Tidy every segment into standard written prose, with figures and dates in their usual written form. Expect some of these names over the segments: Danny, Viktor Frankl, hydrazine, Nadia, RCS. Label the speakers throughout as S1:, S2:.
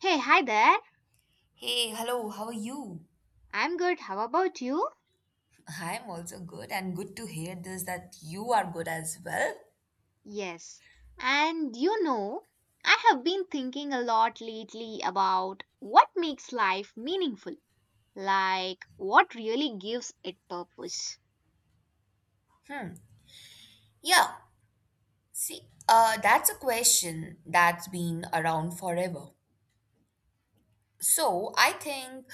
S1: Hey, hi there.
S2: Hey, hello, how are you?
S1: I'm good. How about you?
S2: I'm also good and good to hear this that you are good as well.
S1: Yes. And you know, I have been thinking a lot lately about what makes life meaningful, like what really gives it purpose.
S2: Hmm. Yeah. See, that's a question that's been around forever. So, I think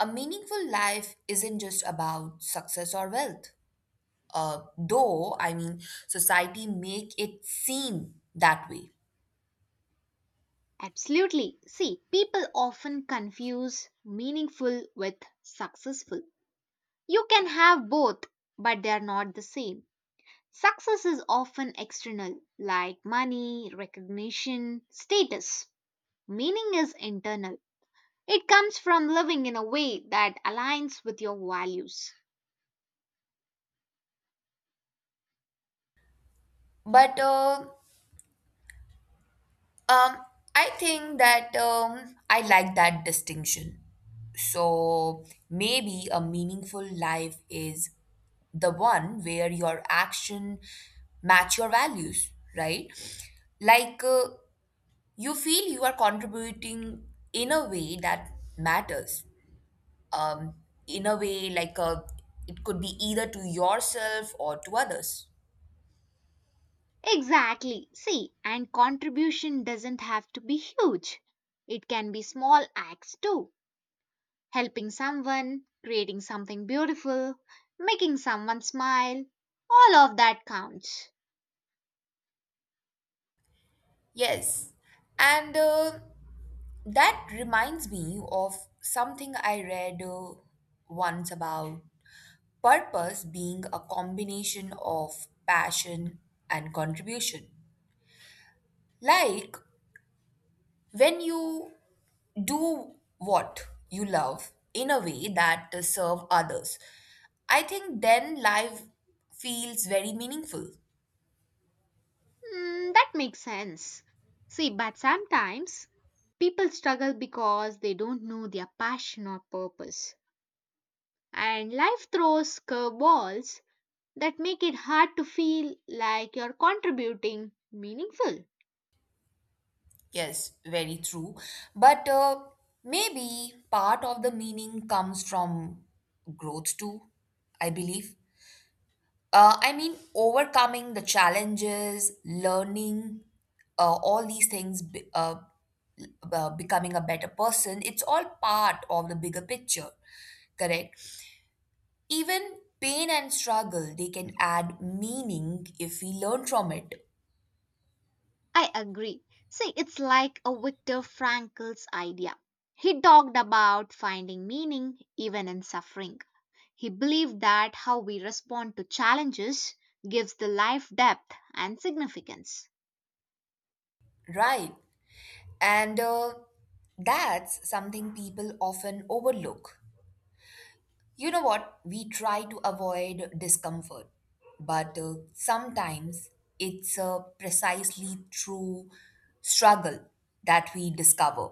S2: a meaningful life isn't just about success or wealth. I mean, society make it seem that way.
S1: Absolutely. See, people often confuse meaningful with successful. You can have both, but they are not the same. Success is often external, like money, recognition, status. Meaning is internal. It comes from living in a way that aligns with your values.
S2: But Um, I think that I like that distinction. So maybe a meaningful life is the one where your action match your values, right? Like uh, you feel you are contributing in a way that matters. Um, in a way like it could be either to yourself or to others.
S1: Exactly. See, and contribution doesn't have to be huge. It can be small acts too. Helping someone, creating something beautiful, making someone smile. All of that counts.
S2: Yes. And that reminds me of something I read once about purpose being a combination of passion and contribution. Like when you do what you love in a way that serve others. I think then life feels very meaningful.
S1: Mm, that makes sense. See, but sometimes people struggle because they don't know their passion or purpose. And life throws curveballs that make it hard to feel like you're contributing meaningful.
S2: Yes, very true. But maybe part of the meaning comes from growth too, I believe. I mean, overcoming the challenges, learning, all these things, be- becoming a better person, it's all part of the bigger picture, correct? Even pain and struggle, they can add meaning if we learn from it,
S1: I agree. See, it's like a Viktor Frankl's idea. He talked about finding meaning even in suffering. He believed that how we respond to challenges gives the life depth and significance.
S2: right? And that's something people often overlook. You know what? We try to avoid discomfort, but sometimes it's precisely through struggle that we discover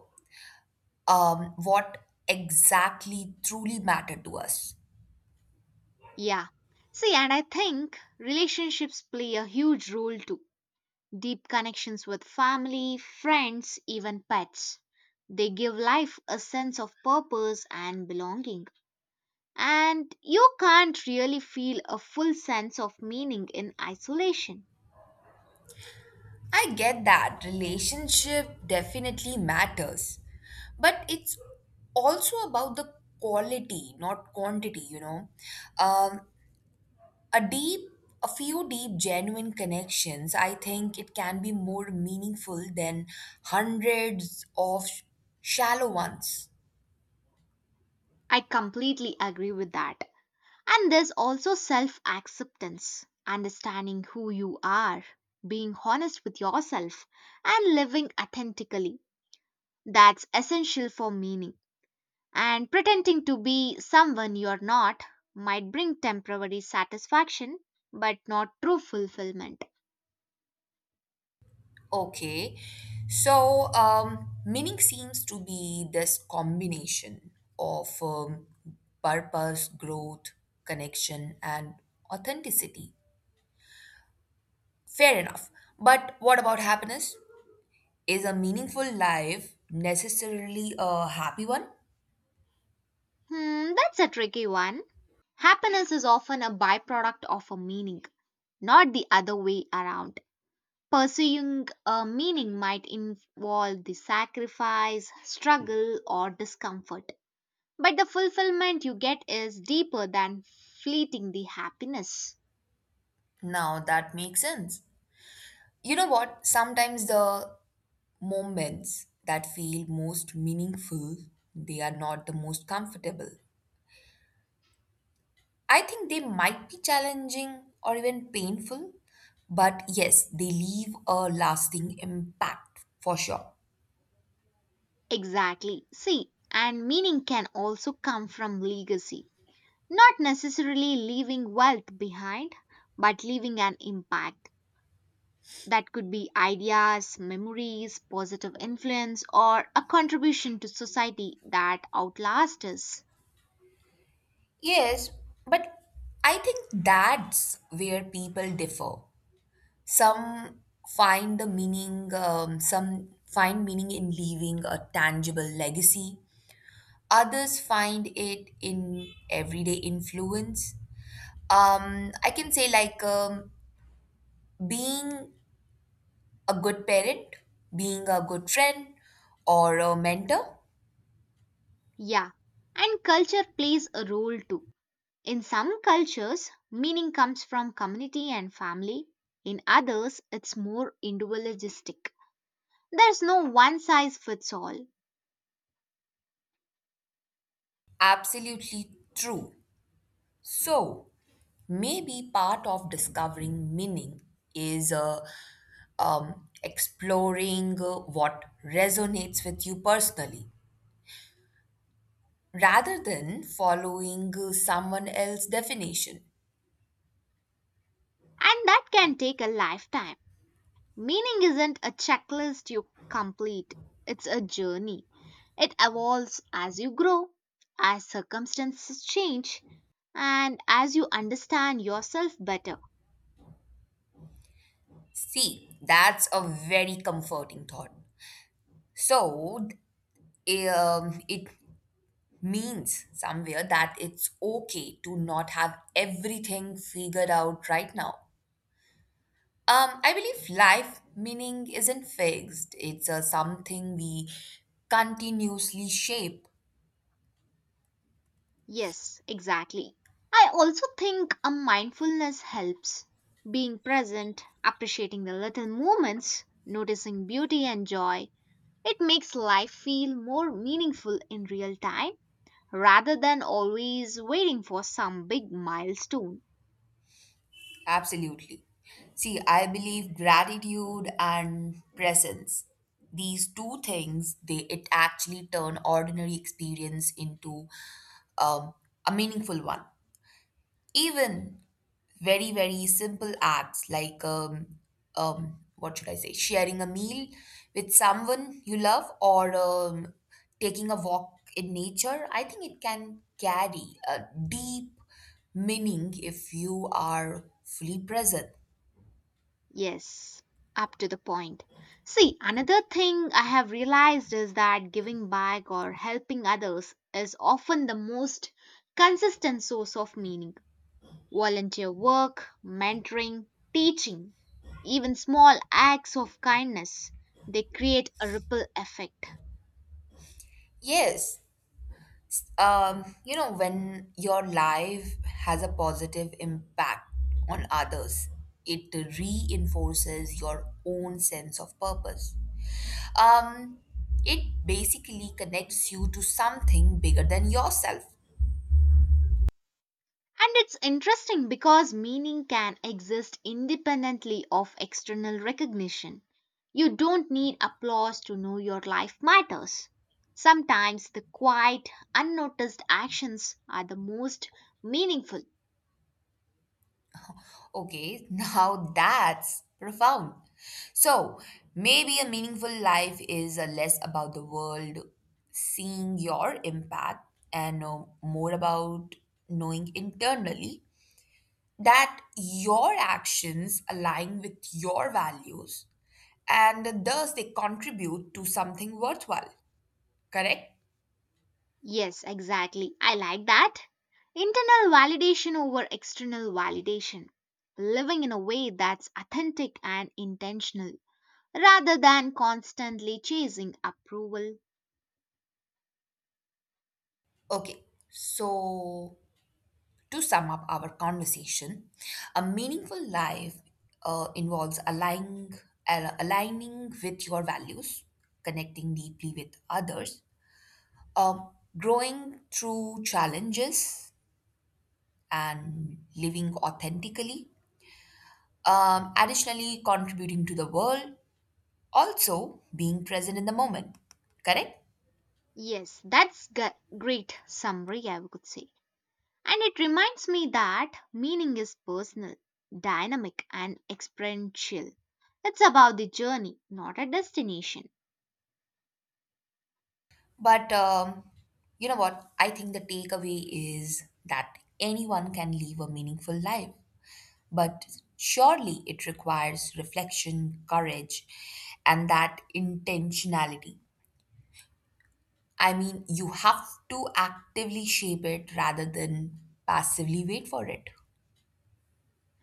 S2: what exactly truly mattered to us.
S1: Yeah. See, and I think relationships play a huge role too. Deep connections with family, friends, even pets. They give life a sense of purpose and belonging. And you can't really feel a full sense of meaning in isolation.
S2: I get that relationship definitely matters, but it's also about the quality, not quantity, you know. Um, a deep a few deep genuine connections, I think it can be more meaningful than hundreds of shallow ones.
S1: I completely agree with that. And there's also self acceptance, understanding who you are, being honest with yourself, and living authentically. That's essential for meaning. And pretending to be someone you're not might bring temporary satisfaction but not true fulfillment.
S2: Okay, so meaning seems to be this combination of purpose, growth, connection, and authenticity. Fair enough, but what about happiness? Is a meaningful life necessarily a happy one?
S1: Hmm, that's a tricky one. Happiness is often a byproduct of a meaning, not the other way around. Pursuing a meaning might involve the sacrifice, struggle, or discomfort. But the fulfillment you get is deeper than fleeting the happiness.
S2: Now that makes sense. You know what? Sometimes the moments that feel most meaningful, they are not the most comfortable. I think they might be challenging or even painful, but yes, they leave a lasting impact for sure.
S1: Exactly. See, and meaning can also come from legacy, not necessarily leaving wealth behind, but leaving an impact. That could be ideas, memories, positive influence, or a contribution to society that outlasts us.
S2: Yes, but I think that's where people differ. Some some find meaning in leaving a tangible legacy. Others find it in everyday influence. I can say, like, being a good parent, being a good friend, or a mentor.
S1: Yeah. And culture plays a role too. In some cultures, meaning comes from community and family. In others, it's more individualistic. There's no one size fits all.
S2: Absolutely true. So, maybe part of discovering meaning is exploring what resonates with you personally rather than following someone else's definition.
S1: And that can take a lifetime. Meaning isn't a checklist you complete, it's a journey. It evolves as you grow, as circumstances change, and as you understand yourself better.
S2: See, that's a very comforting thought. So, it means somewhere that it's okay to not have everything figured out right now. I believe life meaning isn't fixed, it's something we continuously shape.
S1: Yes, exactly. I also think a mindfulness helps. Being present, appreciating the little moments, noticing beauty and joy, it makes life feel more meaningful in real time rather than always waiting for some big milestone.
S2: Absolutely. See, I believe gratitude and presence, these two things, they it actually turn ordinary experience into um, a meaningful one. Even very, very simple acts like, what should I say, sharing a meal with someone you love or taking a walk in nature, I think it can carry a deep meaning if you are fully present.
S1: Yes, up to the point. See, another thing I have realized is that giving back or helping others is often the most consistent source of meaning. Volunteer work, mentoring, teaching, even small acts of kindness, they create a ripple effect.
S2: Yes, you know, when your life has a positive impact on others, it reinforces your own sense of purpose. Um, it basically connects you to something bigger than yourself.
S1: And it's interesting because meaning can exist independently of external recognition. You don't need applause to know your life matters. Sometimes the quiet, unnoticed actions are the most meaningful.
S2: Okay, now that's profound. So, maybe a meaningful life is less about the world seeing your impact and more about knowing internally that your actions align with your values and thus they contribute to something worthwhile, correct?
S1: Yes, exactly. I like that. Internal validation over external validation. Living in a way that's authentic and intentional rather than constantly chasing approval.
S2: Okay, so to sum up our conversation, a meaningful life involves aligning, al- aligning with your values, connecting deeply with others, um, growing through challenges, and living authentically. Additionally, contributing to the world, also being present in the moment, correct?
S1: Yes, great summary, I would say. And it reminds me that meaning is personal, dynamic, and experiential. It's about the journey, not a destination.
S2: But you know what, I think the takeaway is that anyone can live a meaningful life, but surely it requires reflection, courage, and that intentionality. I mean, you have to actively shape it rather than passively wait for it.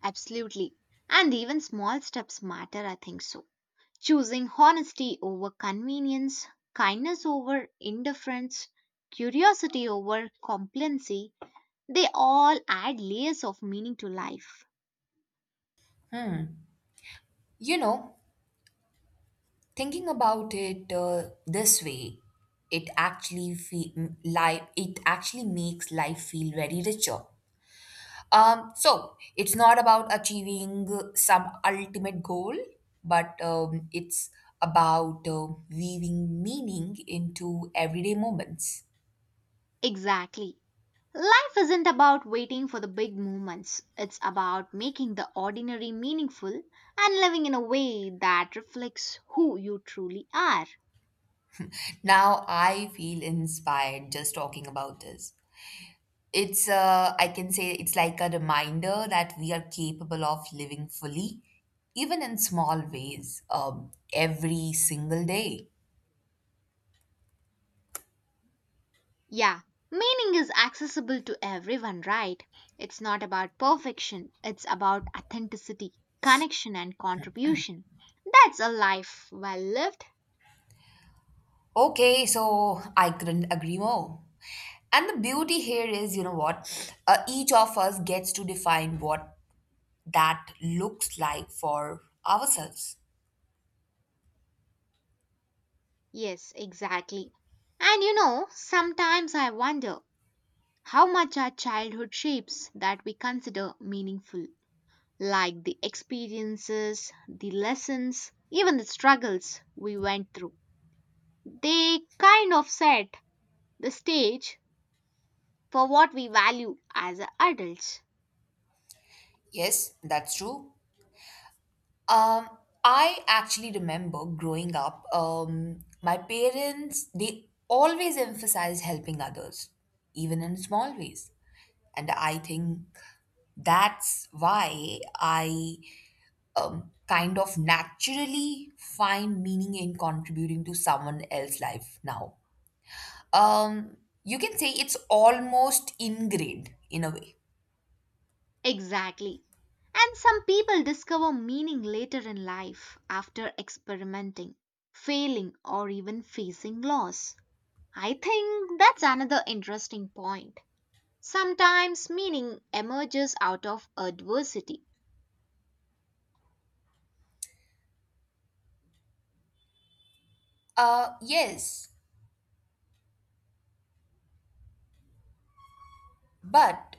S1: Absolutely. And even small steps matter, I think so. Choosing honesty over convenience, kindness over indifference, curiosity over complacency, they all add layers of meaning to life.
S2: You know, thinking about it this way, it actually fe- m- life it actually makes life feel very richer. So it's not about achieving some ultimate goal, but it's about weaving meaning into everyday moments.
S1: Exactly. Life isn't about waiting for the big moments. It's about making the ordinary meaningful and living in a way that reflects who you truly are.
S2: Now I feel inspired just talking about this. It's I can say it's like a reminder that we are capable of living fully, even in small ways, every single day.
S1: Yeah, meaning is accessible to everyone, right? It's not about perfection, it's about authenticity, connection, and contribution. That's a life well lived.
S2: Okay, so I couldn't agree more. And the beauty here is, you know what? Each of us gets to define what that looks like for ourselves.
S1: Yes, exactly. And you know, sometimes I wonder how much our childhood shapes that we consider meaningful. Like the experiences, the lessons, even the struggles we went through. They kind of set the stage for what we value as adults.
S2: Yes, that's true. Um, I actually remember growing up, my parents, they always emphasized helping others, even in small ways. And I think that's why I kind of naturally find meaning in contributing to someone else's life now. Um, you can say it's almost ingrained in a way.
S1: Exactly. And some people discover meaning later in life after experimenting, failing, or even facing loss. I think that's another interesting point. Sometimes meaning emerges out of adversity.
S2: Yes, But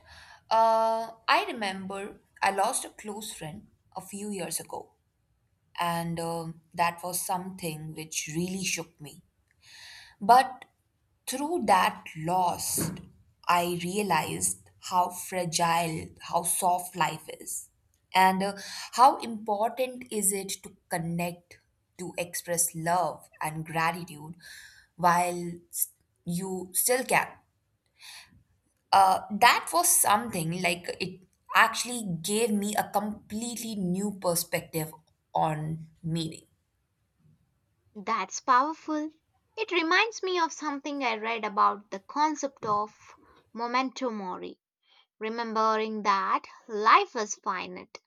S2: uh, I remember I lost a close friend a few years ago, and um, that was something which really shook me. But through that loss, I realized how fragile, how soft life is, and how important is it to connect, to express love and gratitude while you still can. That was something like it actually gave me a completely new perspective on meaning.
S1: That's powerful. It reminds me of something I read about the concept of memento mori, remembering that life is finite.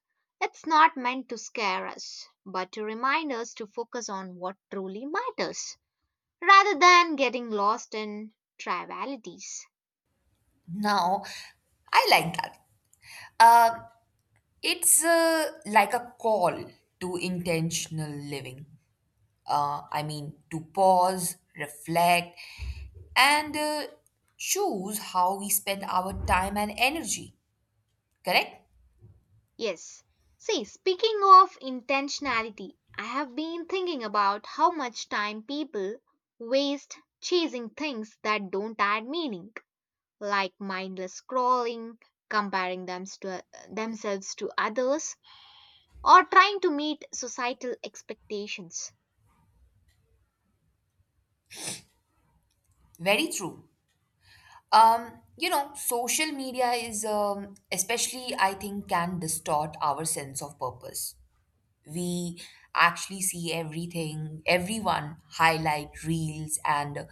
S1: It's not meant to scare us, but to remind us to focus on what truly matters, rather than getting lost in trivialities.
S2: Now, I like that. Uh, it's like a call to intentional living. I mean, to pause, reflect, and choose how we spend our time and energy. Correct?
S1: Yes. See, speaking of intentionality, I have been thinking about how much time people waste chasing things that don't add meaning, like mindless scrolling, comparing them to, themselves to others, or trying to meet societal expectations.
S2: Very true. You know, social media is, especially, I think, can distort our sense of purpose. We actually see everything, everyone highlight reels and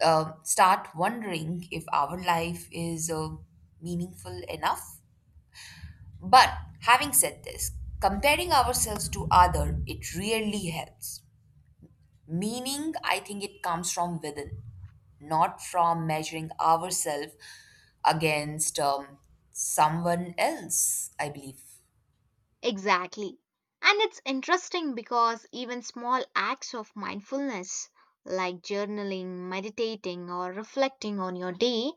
S2: start wondering if our life is meaningful enough. But having said this, comparing ourselves to other, it really helps. Meaning, I think it comes from within, not from measuring ourselves against someone else, I believe.
S1: Exactly. And it's interesting because even small acts of mindfulness, like journaling, meditating, or reflecting on your day,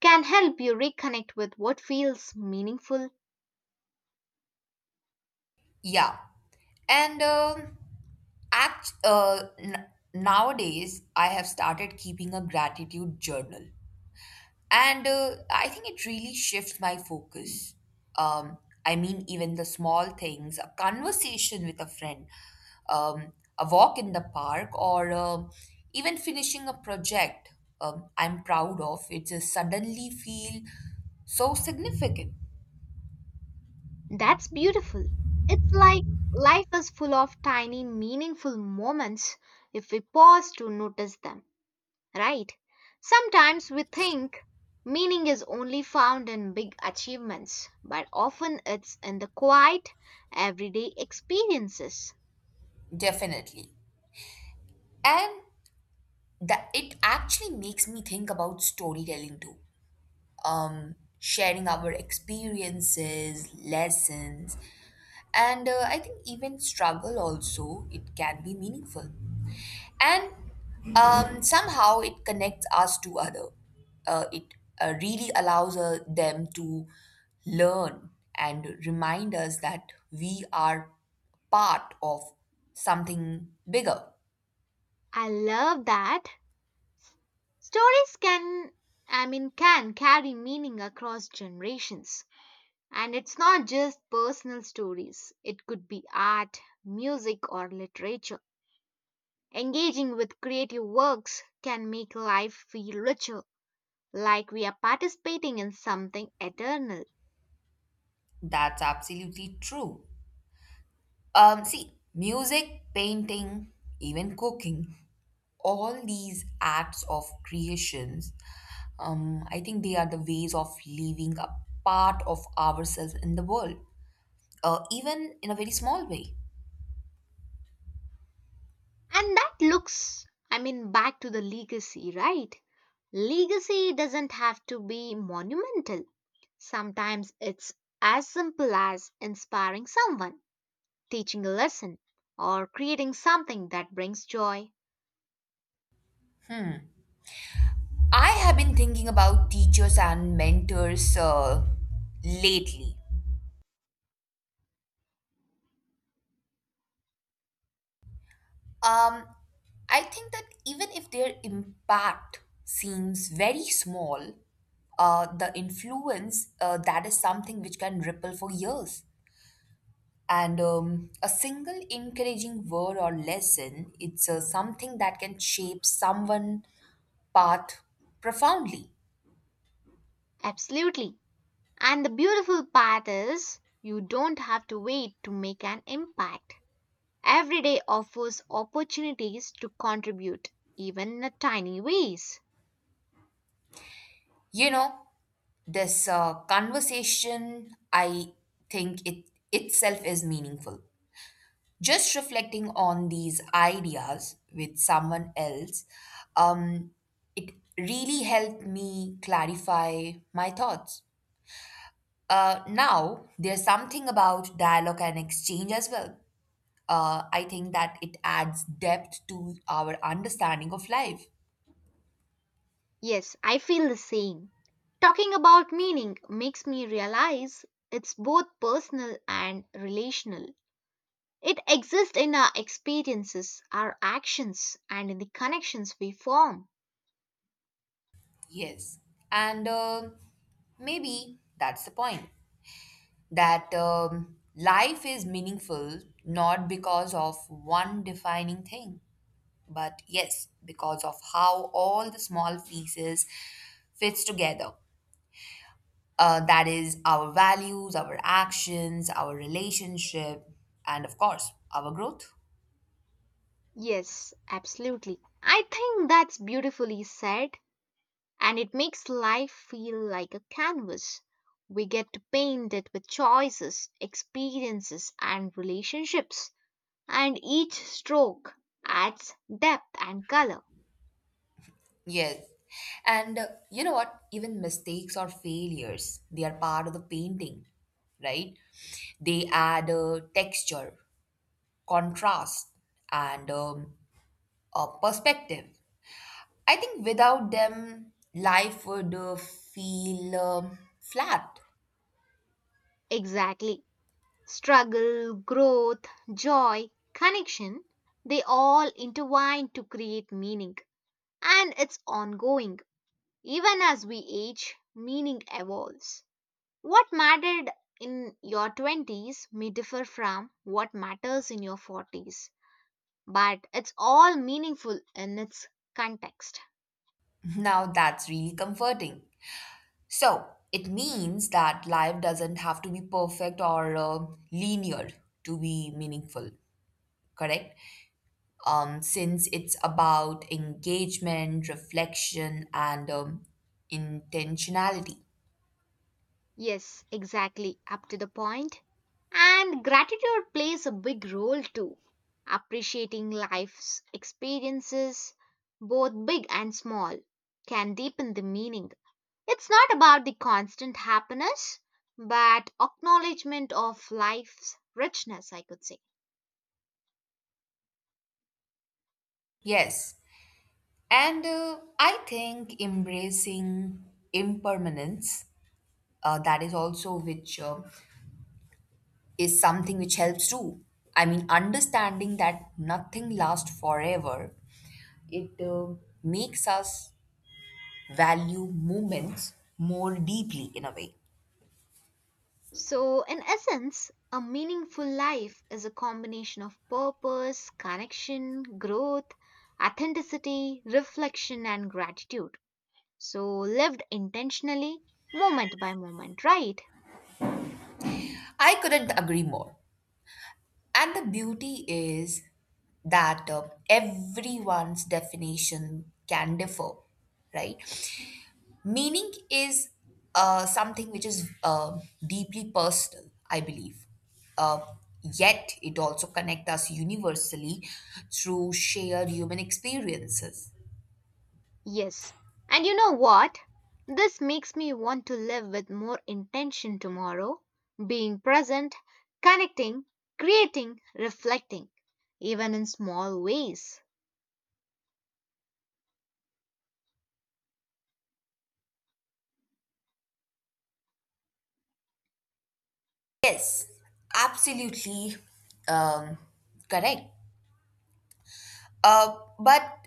S1: can help you reconnect with what feels meaningful.
S2: Yeah. And um act, uh, n- Nowadays, I have started keeping a gratitude journal. And I think it really shifts my focus. Um, I mean, even the small things, a conversation with a friend, a walk in the park, or even finishing a project I'm proud of, it just suddenly feel so significant.
S1: That's beautiful. It's like life is full of tiny, meaningful moments if we pause to notice them, right? Sometimes we think meaning is only found in big achievements, but often it's in the quiet, everyday experiences.
S2: Definitely. And that it actually makes me think about storytelling too. Sharing our experiences, lessons, and I think even struggle also, it can be meaningful, and somehow it connects us to other. It really allows them to learn and remind us that we are part of something bigger.
S1: I love that. Stories can, can carry meaning across generations. And it's not just personal stories, it could be art, music, or literature. Engaging with creative works can make life feel richer, like we are participating in something eternal.
S2: That's absolutely true. See, music, painting, even cooking, all these acts of creations, I think they are the ways of leaving a part of ourselves in the world, even in a very small way.
S1: And that looks, back to the legacy, right? Legacy doesn't have to be monumental. Sometimes it's as simple as inspiring someone, teaching a lesson, or creating something that brings joy.
S2: I have been thinking about teachers and mentors lately. Um, I think that even if their impact seems very small, the influence that is something which can ripple for years. And a single encouraging word or lesson, it's something that can shape someone' path profoundly.
S1: Absolutely. And the beautiful part is you don't have to wait to make an impact. Every day offers opportunities to contribute, even in a tiny ways.
S2: You know, this conversation, I think it itself is meaningful. Just reflecting on these ideas with someone else, um, it really helped me clarify my thoughts. Now, there's something about dialogue and exchange as well. I think that it adds depth to our understanding of life.
S1: Yes, I feel the same. Talking about meaning makes me realize it's both personal and relational. It exists in our experiences, our actions, and in the connections we form.
S2: Yes. And maybe that's the point, that life is meaningful not because of one defining thing, but yes, because of how all the small pieces fits together. That is our values, our actions, our relationship, and of course, our growth.
S1: Yes, absolutely. I think that's beautifully said, and it makes life feel like a canvas. We get to paint it with choices, experiences, and relationships, and each stroke adds depth and color.
S2: Yes. And you know what? Even mistakes or failures, they are part of the painting, right? They add texture, contrast, and a perspective. I think without them, life would feel flat.
S1: Exactly. Struggle, growth, joy, connection, they all intertwine to create meaning. And it's ongoing. Even as we age, meaning evolves. What mattered in your 20s may differ from what matters in your 40s, but it's all meaningful in its context.
S2: Now that's really comforting. So it means that life doesn't have to be perfect or linear to be meaningful, correct? Since it's about engagement, reflection, and intentionality.
S1: Yes, exactly. Up to the point. And gratitude plays a big role too. Appreciating life's experiences, both big and small, can deepen the meaning. It's not about the constant happiness, but acknowledgement of life's richness, I could say.
S2: Yes. And I think embracing impermanence, that is also which is something which helps too. I mean, understanding that nothing lasts forever, it makes us value moments more deeply in a way.
S1: So, in essence, a meaningful life is a combination of purpose, connection, growth, authenticity, reflection, and gratitude. So lived intentionally, moment by moment, right?
S2: I couldn't agree more. And the beauty is that everyone's definition can differ, right? Meaning is something which is deeply personal, I believe. Uh, yet it also connects us universally through shared human experiences.
S1: Yes. And you know what? This makes me want to live with more intention tomorrow, being present, connecting, creating, reflecting, even in small ways.
S2: Yes, absolutely, um, correct. But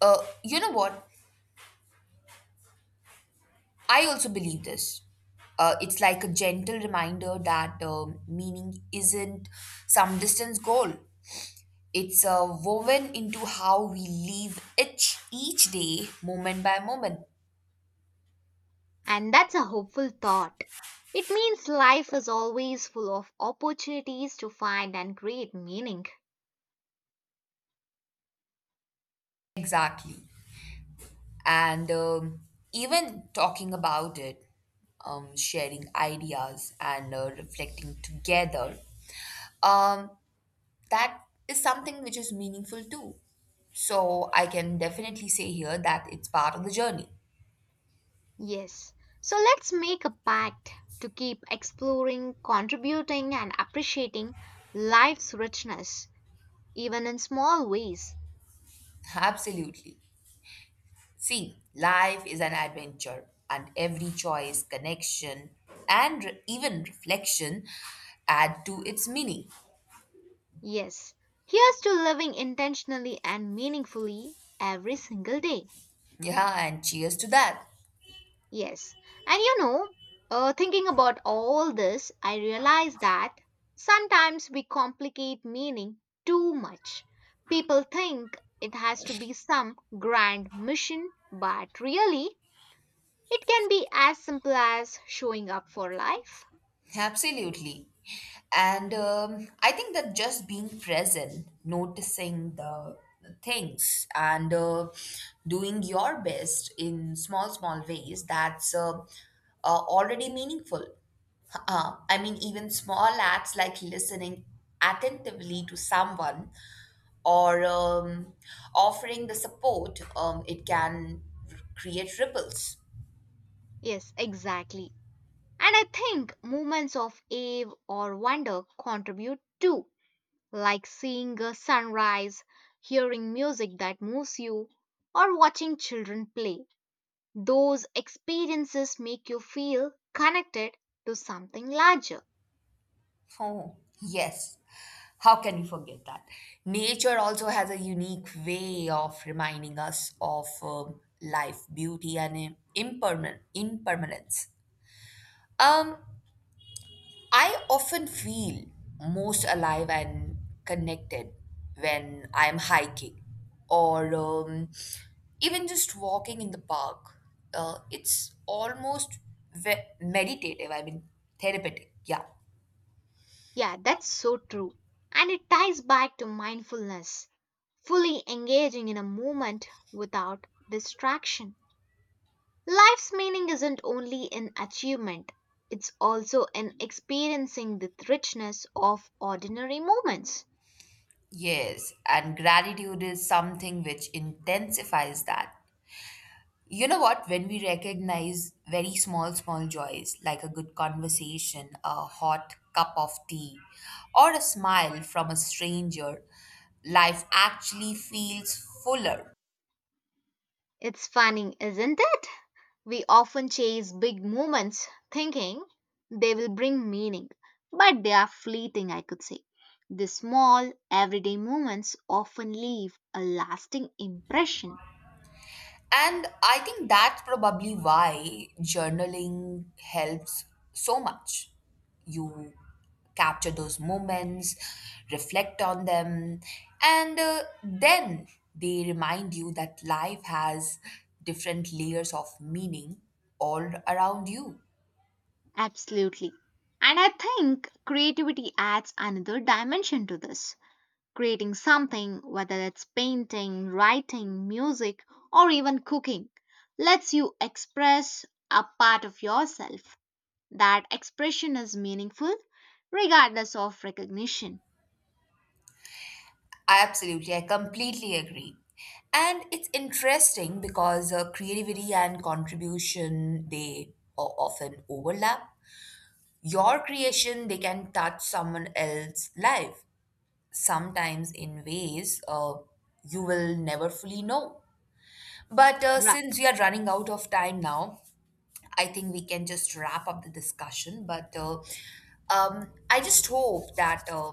S2: uh, you know what? I also believe this. It's like a gentle reminder that um, meaning isn't some distance goal. It's woven into how we live each day, moment by moment.
S1: And that's a hopeful thought. It means life is always full of opportunities to find and create meaning.
S2: Exactly. And even talking about it, sharing ideas and reflecting together, um, that is something which is meaningful too. So I can definitely say here that it's part of the journey.
S1: Yes. So let's make a pact to keep exploring, contributing, and appreciating life's richness, even in small ways.
S2: Absolutely. See, life is an adventure, and every choice, connection, and even reflection add to its meaning.
S1: Yes. Here's to living intentionally and meaningfully every single day.
S2: Yeah, and cheers to that.
S1: Yes. And you know, thinking about all this, I realize that sometimes we complicate meaning too much. People think it has to be some grand mission, but really, it can be as simple as showing up for life.
S2: Absolutely. And I think that just being present, noticing the things, and doing your best in small, small ways, that's already meaningful. I mean, even small acts like listening attentively to someone or offering the support, it can create ripples.
S1: Yes, exactly. And I think moments of awe or wonder contribute too, like seeing a sunrise, hearing music that moves you, or watching children play. Those experiences make you feel connected to something larger.
S2: Oh, yes. How can we forget that? Nature also has a unique way of reminding us of life, beauty, and impermanence. Um, I often feel most alive and connected when I'm hiking or even just walking in the park. It's almost meditative, I mean, therapeutic. Yeah.
S1: Yeah, that's so true. And it ties back to mindfulness, fully engaging in a moment without distraction. Life's meaning isn't only in achievement, it's also in experiencing the richness of ordinary moments.
S2: Yes, and gratitude is something which intensifies that. You know what? When we recognize very small, small joys, like a good conversation, a hot cup of tea, or a smile from a stranger, life actually feels fuller.
S1: It's funny, isn't it? We often chase big moments thinking they will bring meaning, but they are fleeting, I could say. The small, everyday moments often leave a lasting impression.
S2: And I think that's probably why journaling helps so much. You capture those moments, reflect on them, and then they remind you that life has different layers of meaning all around you.
S1: Absolutely. And I think creativity adds another dimension to this. Creating something, whether it's painting, writing, music, or even cooking, lets you express a part of yourself. That expression is meaningful regardless of recognition.
S2: Absolutely, I completely agree. And it's interesting because creativity and contribution, they often overlap. Your creation, they can touch someone else's life sometimes in ways you will never fully know. But
S1: Right.
S2: since we are running out of time now, I think we can just wrap up the discussion, but I just hope that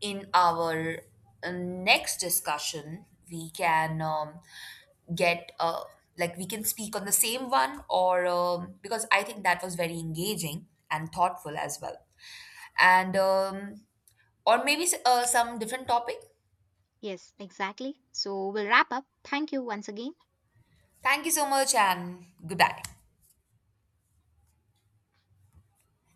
S2: in our next discussion we can get like, we can speak on the same one, or because I think that was very engaging and thoughtful as well, and or maybe some different topic.
S1: Yes, exactly. So we'll wrap up. Thank you once again.
S2: Thank you so much and goodbye.